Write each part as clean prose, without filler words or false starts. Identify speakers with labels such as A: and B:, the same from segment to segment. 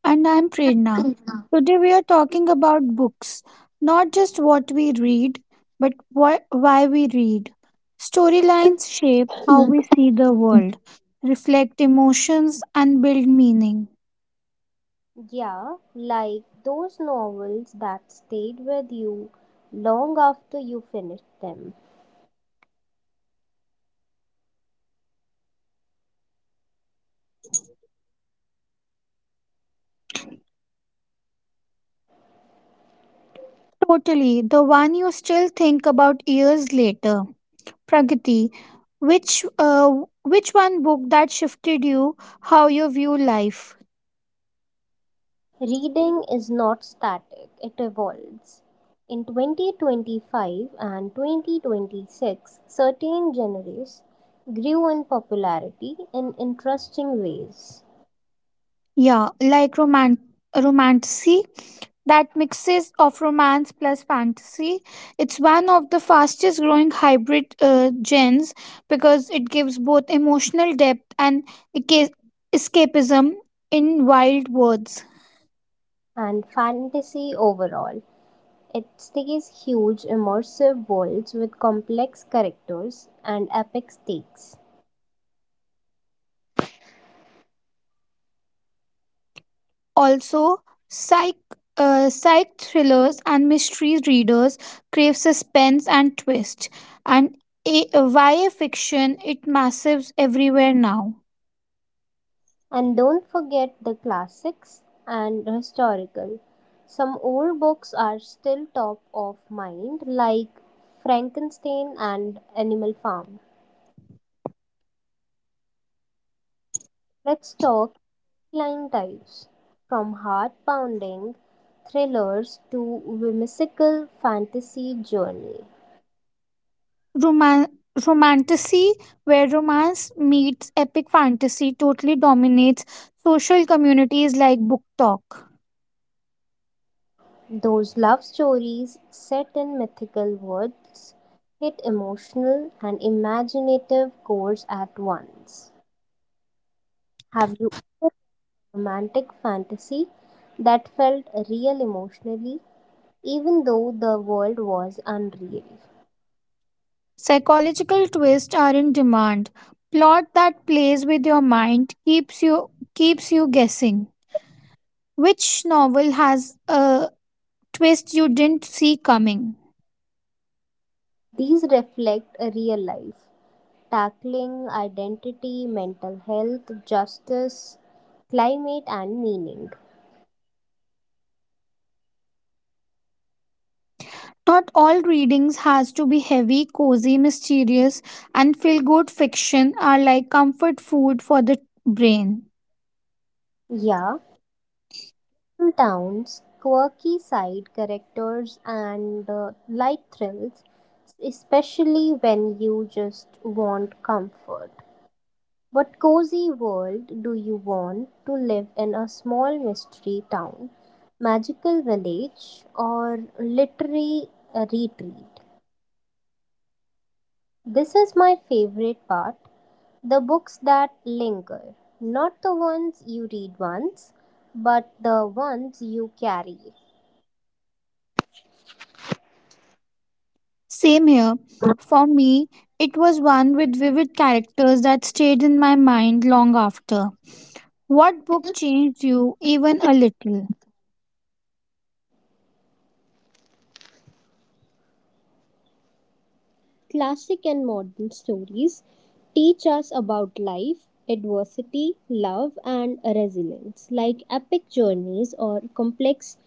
A: And I'm Prerna. Today we are talking about books, not just what we read, but why we read. Storylines shape how we see the world, reflect emotions, and build meaning.
B: Yeah, like those novels that stayed with you long after you finished them.
A: Totally, the one you still think about years later. Pragati, which uh, which one book that shifted you how you view life?
B: Reading is not static, it evolves. In 2025 and 2026, certain genres grew in popularity in interesting ways,
A: Yeah, like romanticy that mixes of romance plus fantasy. It's one of the fastest growing hybrid gens because it gives both emotional depth and esca- escapism in wild words.
B: and fantasy overall. It stays huge, immersive worlds with complex characters and epic stakes.
A: Also, psych psych thrillers and mystery readers crave suspense and twist, and via fiction it massives everywhere now.
B: And don't forget the classics and historical. Some old books are still top of mind, like Frankenstein and Animal Farm. Let's talk line types, from heart pounding thrillers to whimsical fantasy journey.
A: Roman- Romanticy, where romance meets epic fantasy, totally dominates social communities like book talk.
B: Those love stories set in mythical worlds hit emotional and imaginative chords at once. Have you ever had a romantic fantasy that felt real emotionally, even though the world was unreal?
A: Psychological twists are in demand. Plot that plays with your mind keeps you guessing. Which novel has a twist you didn't see coming?
B: These reflect a real life, tackling identity, mental health, justice, climate, and meaning.
A: Not all readings has to be heavy, cozy, mysterious, and feel good fiction are like comfort food for the brain.
B: Yeah, towns, quirky side characters and light thrills, especially when you just want comfort. What cozy world do you want to live in? A small mystery town, magical village, or literary retreat? This is my favorite part, the books that linger, not the ones you read once, but the ones you carry.
A: Same here. For me, it was one with vivid characters that stayed in my mind long after. What book changed you even a little?
B: Classic and modern stories teach us about life, adversity, love, and resilience, like epic journeys or complex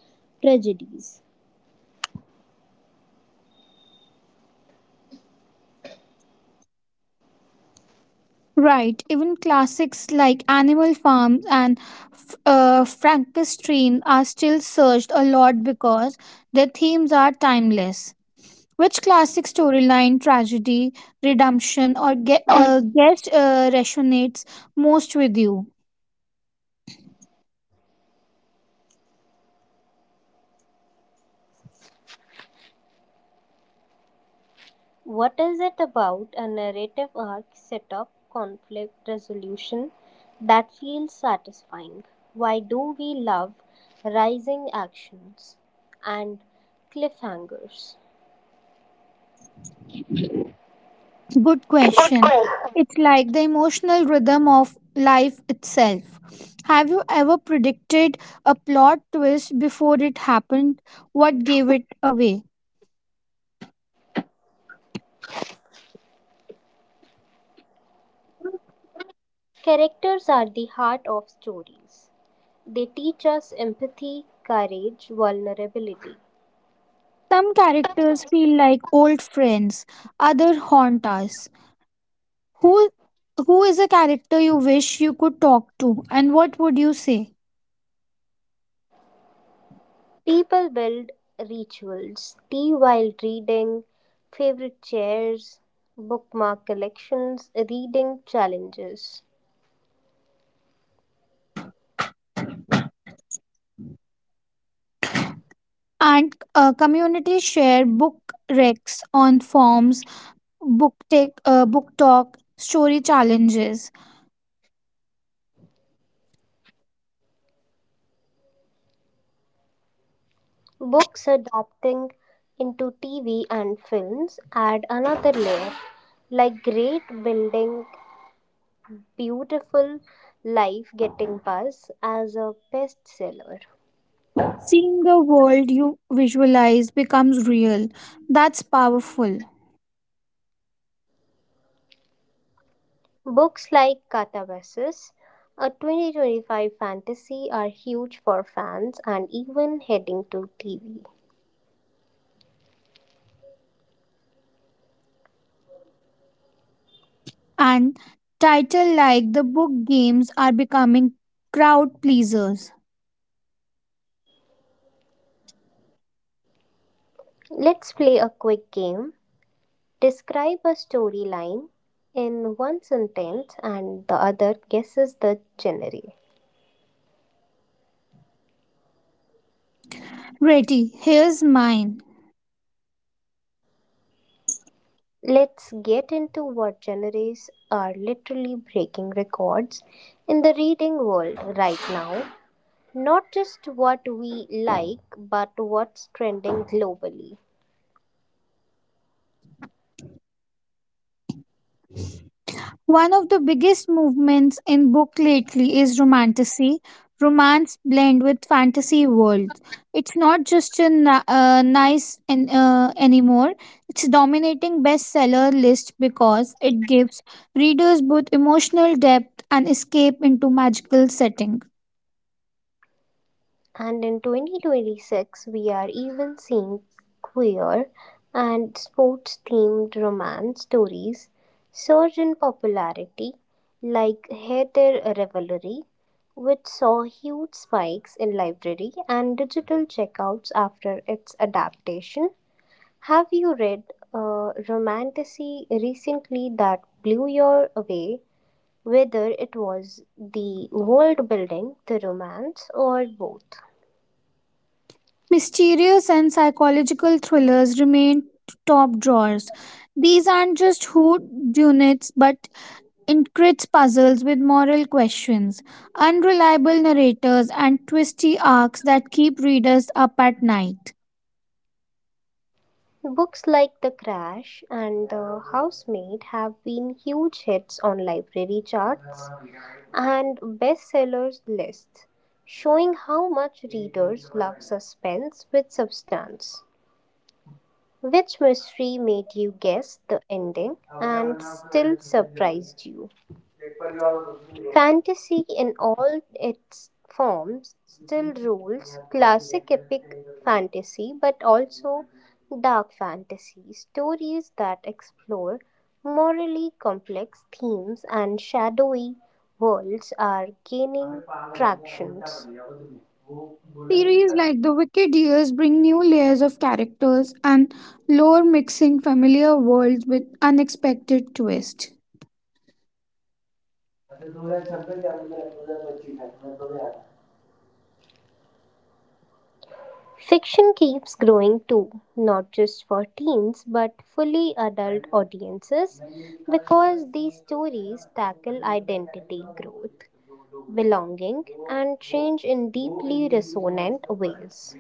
B: tragedies.
A: Right, even classics like Animal Farm and Frankenstein are still searched a lot because their themes are timeless. Which classic storyline, tragedy, redemption, or
B: Also,
A: guest resonates most with you?
B: what is it about a narrative arc, setup, conflict, resolution that feels satisfying? Why do we love rising actions and cliffhangers?
A: Good question. It's like the emotional rhythm of life itself. Have you ever predicted a plot twist before it happened? What gave it away?
B: Characters are the heart of stories. They teach us empathy, courage, vulnerability.
A: Some characters feel like old friends, other haunt us. Who who is a character you wish you could talk to and what would you say?
B: People build rituals, tea while reading, favorite chairs, bookmark collections, reading challenges.
A: And community share book recs on forums, book talk, story challenges.
B: Books adapting into TV and films add another layer, like great building, beautiful life getting buzz as a bestseller.
A: Seeing the world you visualize becomes real. That's powerful.
B: Books like Catabasis, a 2025 fantasy, are huge for fans and even heading to TV.
A: And title like the book games are becoming crowd pleasers.
B: Let's play a quick game. Describe a storyline in one sentence and the other guesses the genre.
A: Reti, here's mine.
B: Let's get into what genres are literally breaking records in the reading world right now. Not just what we like, but what's trending globally.
A: One of the biggest movements in book lately is romantasy. Romance blend with fantasy worlds. It's not just a nice and anymore. It's dominating bestseller list because it gives readers both emotional depth and escape into magical setting.
B: And in 2026, we are even seeing queer and sports themed romance stories surge in popularity, like Heather Revelry, which saw huge spikes in library and digital checkouts after its adaptation. Have you read a romantasy recently that blew you away, whether it was the world building, the romance, or both?
A: Mysterious and psychological thrillers remain top drawers. These aren't just hood units, but intricate puzzles with moral questions, unreliable narrators, and twisty arcs that keep readers up at night.
B: Books like The Crash and The Housemaid have been huge hits on library charts and bestsellers lists, showing how much readers love suspense with substance. Which mystery made you guess the ending and still surprised you? Fantasy in all its forms still rules, classic epic fantasy but also dark fantasy. Stories that explore morally complex themes and shadowy worlds are gaining tractions.
A: Series like The Wicked Years bring new layers of characters and lore, mixing familiar worlds with unexpected twists.
B: Fiction keeps growing too, not just for teens but fully adult audiences, because these stories tackle identity growth, belonging, and change in deeply resonant ways.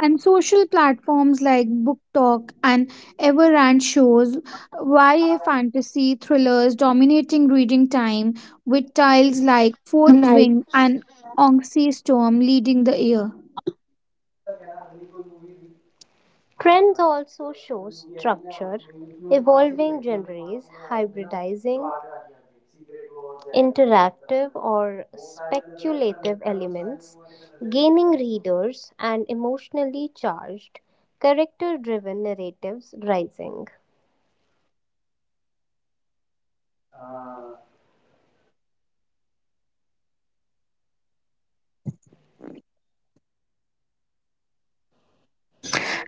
A: And social platforms like Book Talk and Everant shows YA fantasy thrillers dominating reading time with titles like Fourth Wing and Onxy Storm leading the year.
B: Trends also show structure, evolving genres, hybridizing, interactive or speculative elements, gaining readers, and emotionally charged, character driven narratives rising.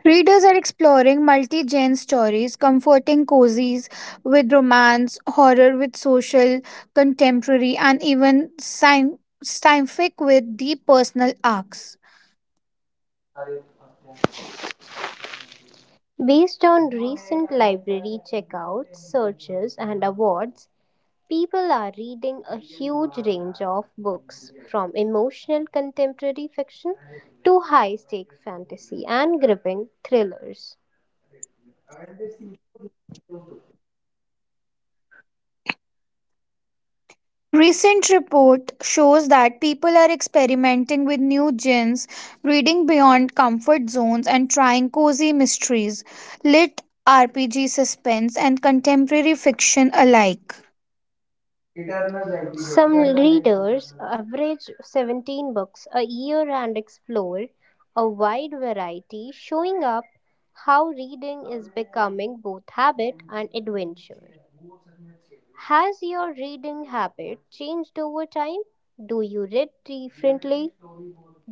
A: Readers are exploring multi genre stories, comforting cozies with romance, horror with social, contemporary, and even scientific with deep personal arcs.
B: Based on recent library checkouts, searches, and awards, people are reading a huge range of books, from emotional contemporary fiction to high stake fantasy and gripping thrillers.
A: Recent report shows that people are experimenting with new gins, reading beyond comfort zones and trying cozy mysteries, lit RPG suspense and contemporary fiction alike.
B: Some readers average 17 books a year and explore a wide variety, showing up how reading is becoming both habit and adventure. Has your reading habit changed over time? Do you read differently,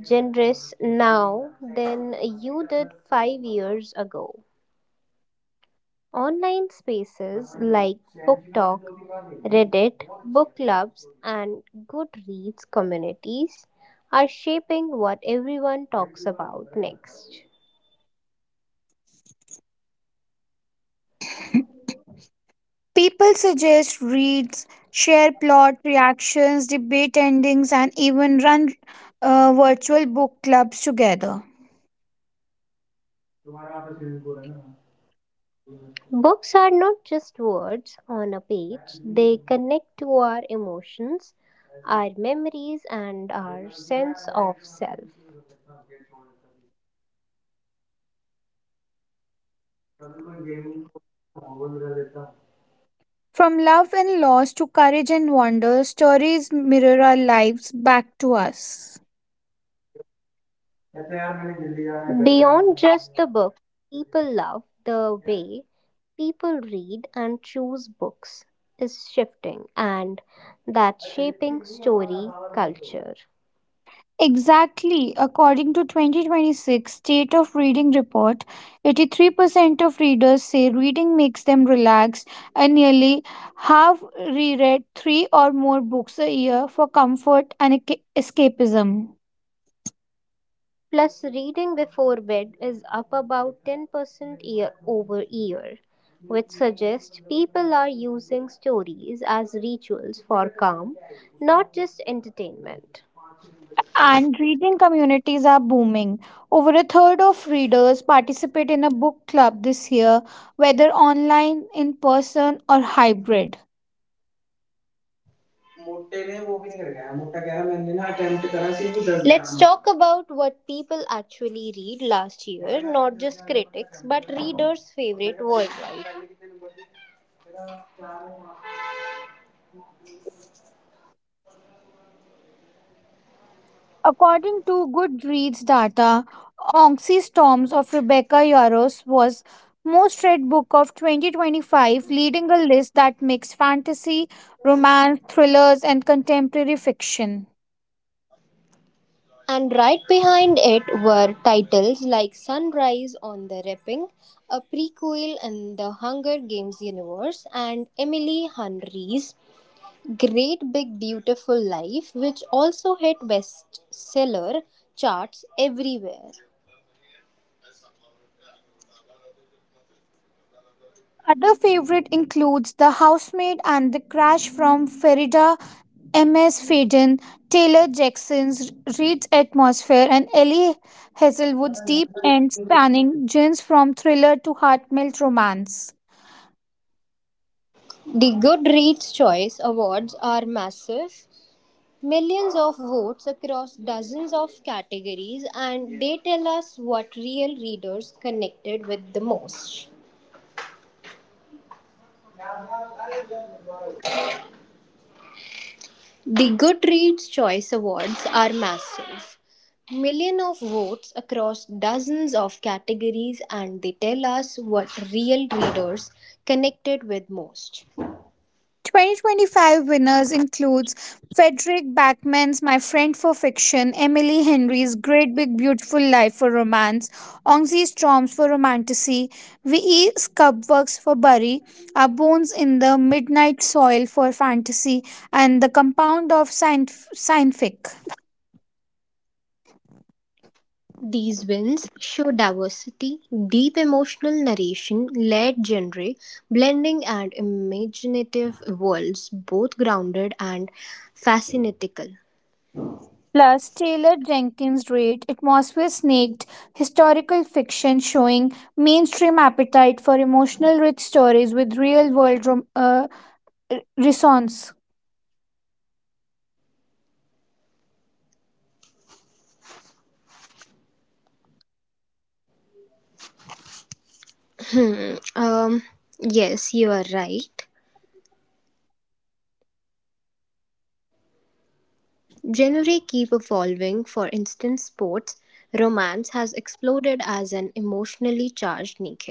B: genres now than you did 5 years ago? Online spaces like BookTok, Reddit, book clubs, and Goodreads communities are shaping what everyone talks about next.
A: People suggest reads, share plot reactions, debate endings, and even run virtual book clubs together.
B: Books are not just words on a page, they connect to our emotions, our memories, and our sense of self.
A: From love and loss to courage and wonder, stories mirror our lives back to us.
B: Beyond just the book, people love the way people read and choose books is shifting, and that's shaping story culture.
A: Exactly. According to 2026 State of Reading report, 83% of readers say reading makes them relaxed and nearly half reread 3 or more books a year for comfort and escapism.
B: Plus reading before bed is up about 10% year over year, which suggests people are using stories as rituals for calm, not just entertainment.
A: And reading communities are booming. Over a third of readers participate in a book club this year, whether online, in person, or hybrid.
B: Let's talk about what people actually read last year, not just critics, but readers' favorite worldwide.
A: According to Goodreads data, Onxy Storms of Rebecca Yaros was most read book of 2025, leading a list that mixed fantasy, romance, thrillers, and contemporary fiction.
B: And right behind it were titles like Sunrise on the Reaping, a prequel in the Hunger Games universe, and Emily Henry's Great Big Beautiful Life, which also hit bestseller charts everywhere.
A: Other favorite includes The Housemaid and The Crash from Farida M.S. Faden, Taylor Jackson's Reed's Atmosphere, and Ellie Hazelwood's deep and spanning genre from thriller to heartmelt romance.
B: The Goodreads Choice Awards are massive, millions of votes across dozens of categories, and they tell us what real readers connected with the most. The Goodreads Choice Awards are massive, million of votes across dozens of categories, and they tell us what real readers connected with most.
A: 2025 winners includes Frederick Backman's My Friend for Fiction, Emily Henry's Great Big Beautiful Life for Romance, Ongse Storms for Romanticy, V.E. Scubworks for Bury, Our Bones in the Midnight Soil for Fantasy, and The Compound of Scientific.
B: These wins show diversity, deep emotional narration, layered genre, blending, and imaginative worlds, both grounded and fascinatical.
A: Plus, Taylor Jenkins' Reid, Atmosphere Snaked, historical fiction showing mainstream appetite for emotional rich stories with real world renaissance.
B: Hmm. Um. Yes, you are right. Genre keep evolving. For instance, sports romance has exploded as an emotionally charged niche.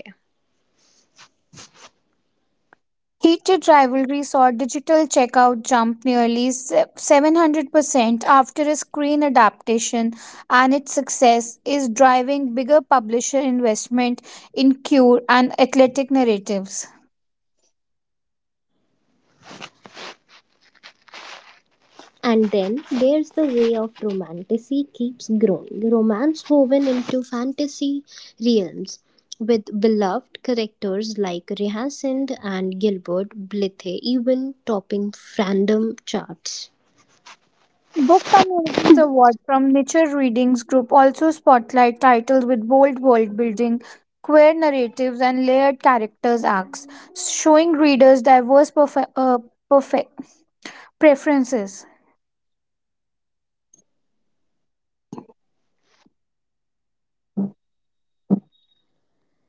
A: Heated rivalry saw digital checkout jump nearly 700% after a screen adaptation, and its success is driving bigger publisher investment in cure and athletic narratives.
B: And then there's the way of romantasy keeps growing. Romance woven into fantasy realms with beloved characters like Rehasand and Gilbert Blythe even topping fandom charts.
A: Book Communities Award from Nature Readings Group also spotlight titles with bold world building, queer narratives, and layered characters arcs, showing readers diverse perfect preferences.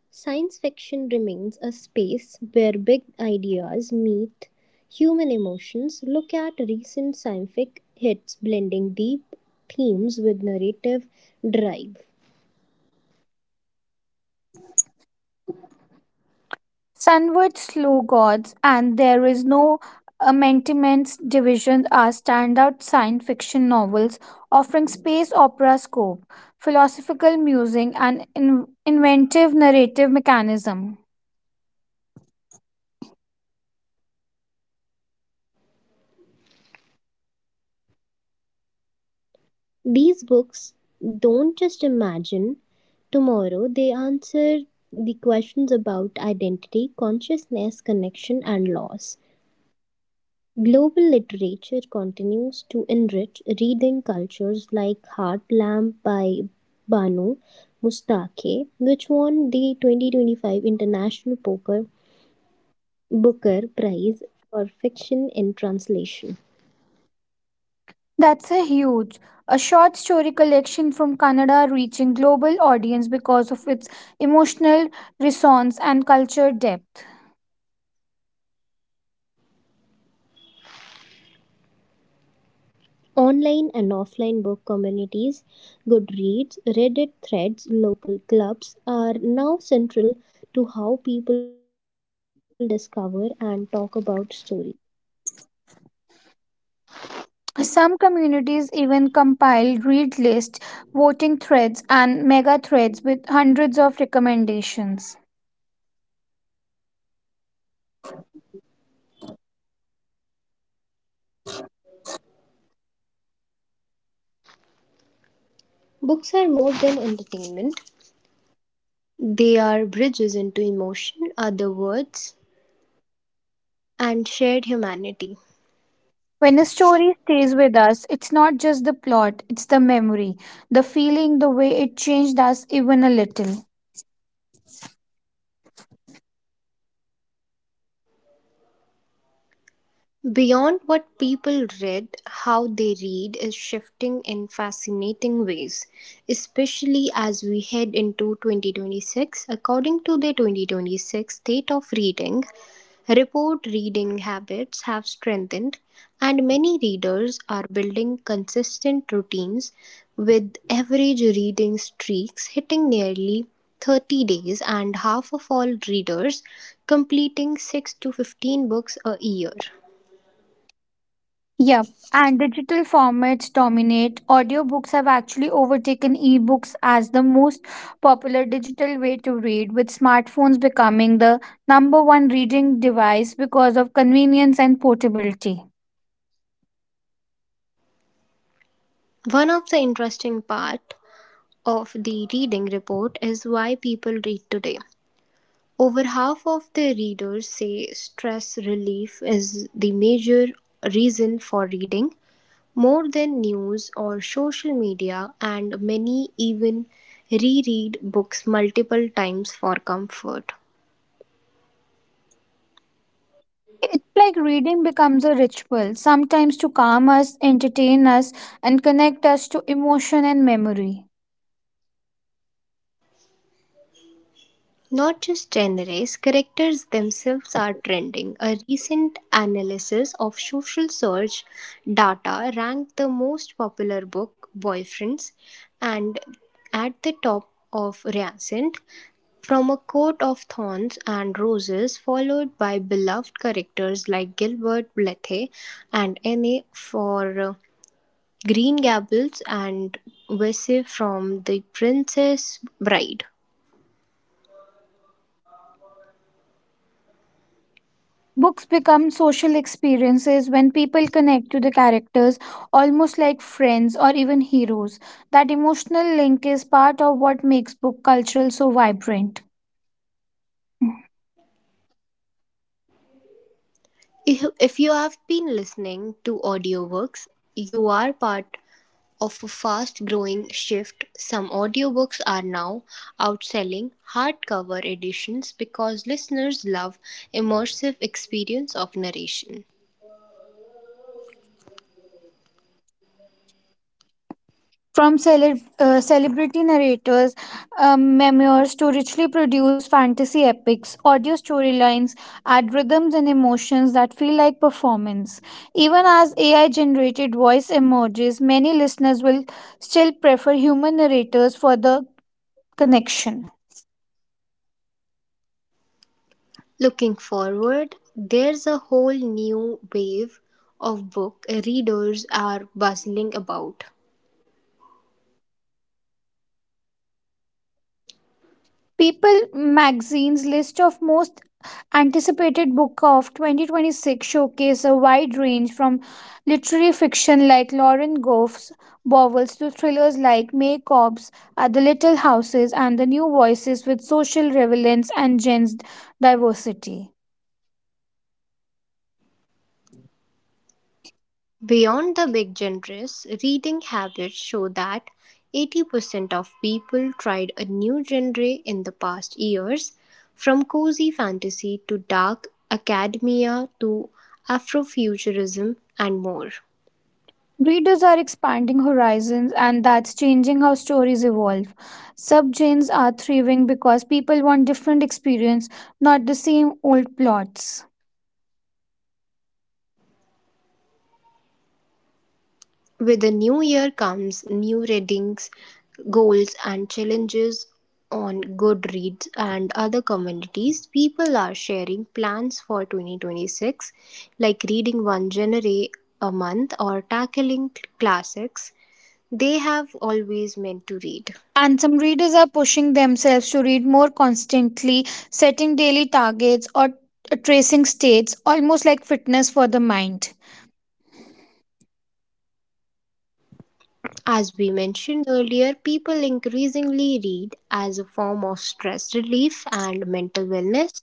B: Science fiction remains a space where big ideas meet human emotions. Look at recent scientific hits blending deep themes with narrative drive.
A: Sunward Slow gods, and There Is No Amendment's Division are standout science fiction novels offering space opera scope, philosophical musing, and inventive narrative mechanism.
B: These books don't just imagine tomorrow, they answer the questions about identity, consciousness, connection, and loss. Global literature continues to enrich reading cultures, like Heart Lamp by Banu Mustake, which won the 2025 International Poker Booker Prize for Fiction in Translation.
A: That's a huge, a short story collection from Kannada reaching global audience because of its emotional resonance and culture depth.
B: Online and offline book communities, Goodreads, Reddit threads, local clubs, are now central to how people discover and talk about story.
A: Some communities even compile read lists, voting threads, and mega threads with hundreds of recommendations.
B: Books are more than entertainment. They are bridges into emotion, other words, and shared humanity.
A: When a story stays with us, it's not just the plot, it's the memory, the feeling, the way it changed us even a little.
B: Beyond what people read, how they read is shifting in fascinating ways, especially as we head into 2026. According to the 2026 State of Reading report, reading habits have strengthened, and many readers are building consistent routines, with average reading streaks hitting nearly 30 days and half of all readers completing 6 to 15 books a year.
A: Yep, and digital formats dominate. Audiobooks have actually overtaken ebooks as the most popular digital way to read, with smartphones becoming the number one reading device because of convenience and portability.
B: One of the interesting part of the reading report is why people read today. Over half of the readers say stress relief is the major reason for reading, more than news or social media, and many even reread books multiple times for comfort.
A: It's like reading becomes a ritual, sometimes to calm us, entertain us, and connect us to emotion and memory.
B: Not just genres, characters themselves are trending. A recent analysis of social search data ranked the most popular book, Boyfriends, and at the top of Reascent, from a court of thorns and roses, followed by beloved characters like Gilbert Blythe and Anne for Green Gables and Vesey from The Princess Bride.
A: Books become social experiences when people connect to the characters almost like friends or even heroes. That emotional link is part of what makes book culture so vibrant.
B: If you have been listening to audiobooks, you are part of a fast growing shift. Some audiobooks are now outselling hardcover editions because listeners love immersive experience of narration.
A: From celebrity narrators, memoirs to richly produced fantasy epics, audio storylines add rhythms and emotions that feel like performance. Even as AI generated voice emerges, many listeners will still prefer human narrators for the connection.
B: Looking forward, there's a whole new wave of book readers are bustling about.
A: People magazine's list of most anticipated book of 2026 showcase a wide range from literary fiction like Lauren Gough's novels to thrillers like May Cobb's The Little Houses and The New Voices with social relevance and gender diversity.
B: Beyond the big genres, reading habits show that 80% of people tried a new genre in the past years, from cozy fantasy to dark academia to Afrofuturism and more.
A: Readers are expanding horizons and that's changing how stories evolve. Subgenres are thriving because people want different experience, not the same old plots.
B: With the new year comes new readings, goals, and challenges on Goodreads and other communities. People are sharing plans for 2026, like reading one genre a month or tackling classics they have always meant to read.
A: And some readers are pushing themselves to read more constantly, setting daily targets or tracing states, almost like fitness for the mind.
B: As we mentioned earlier, people increasingly read as a form of stress relief and mental wellness,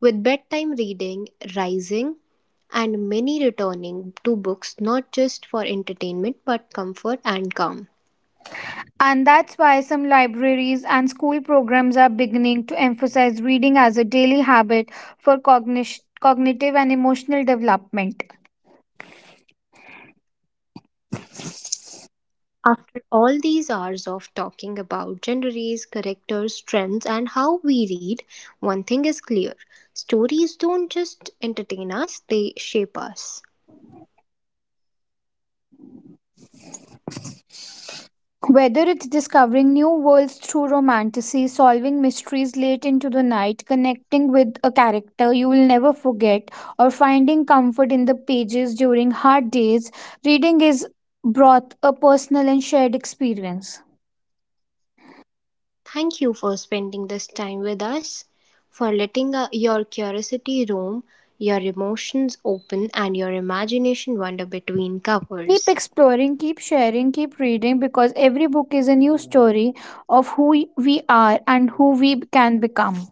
B: with bedtime reading rising and many returning to books not just for entertainment but comfort and calm.
A: And that's why some libraries and school programs are beginning to emphasize reading as a daily habit for cognition, cognitive and emotional development.
B: After all these hours of talking about genres, characters, trends, and how we read, one thing is clear: stories don't just entertain us, they shape us.
A: Whether it's discovering new worlds through romantasy, solving mysteries late into the night, connecting with a character you will never forget, or finding comfort in the pages during hard days, reading is both a personal and shared experience.
B: Thank you for spending this time with us, for letting your curiosity roam, your emotions open, and your imagination wander between
A: Keep
B: covers.
A: exploring, keep sharing, keep reading because every book is a new story of who we are and who we can become.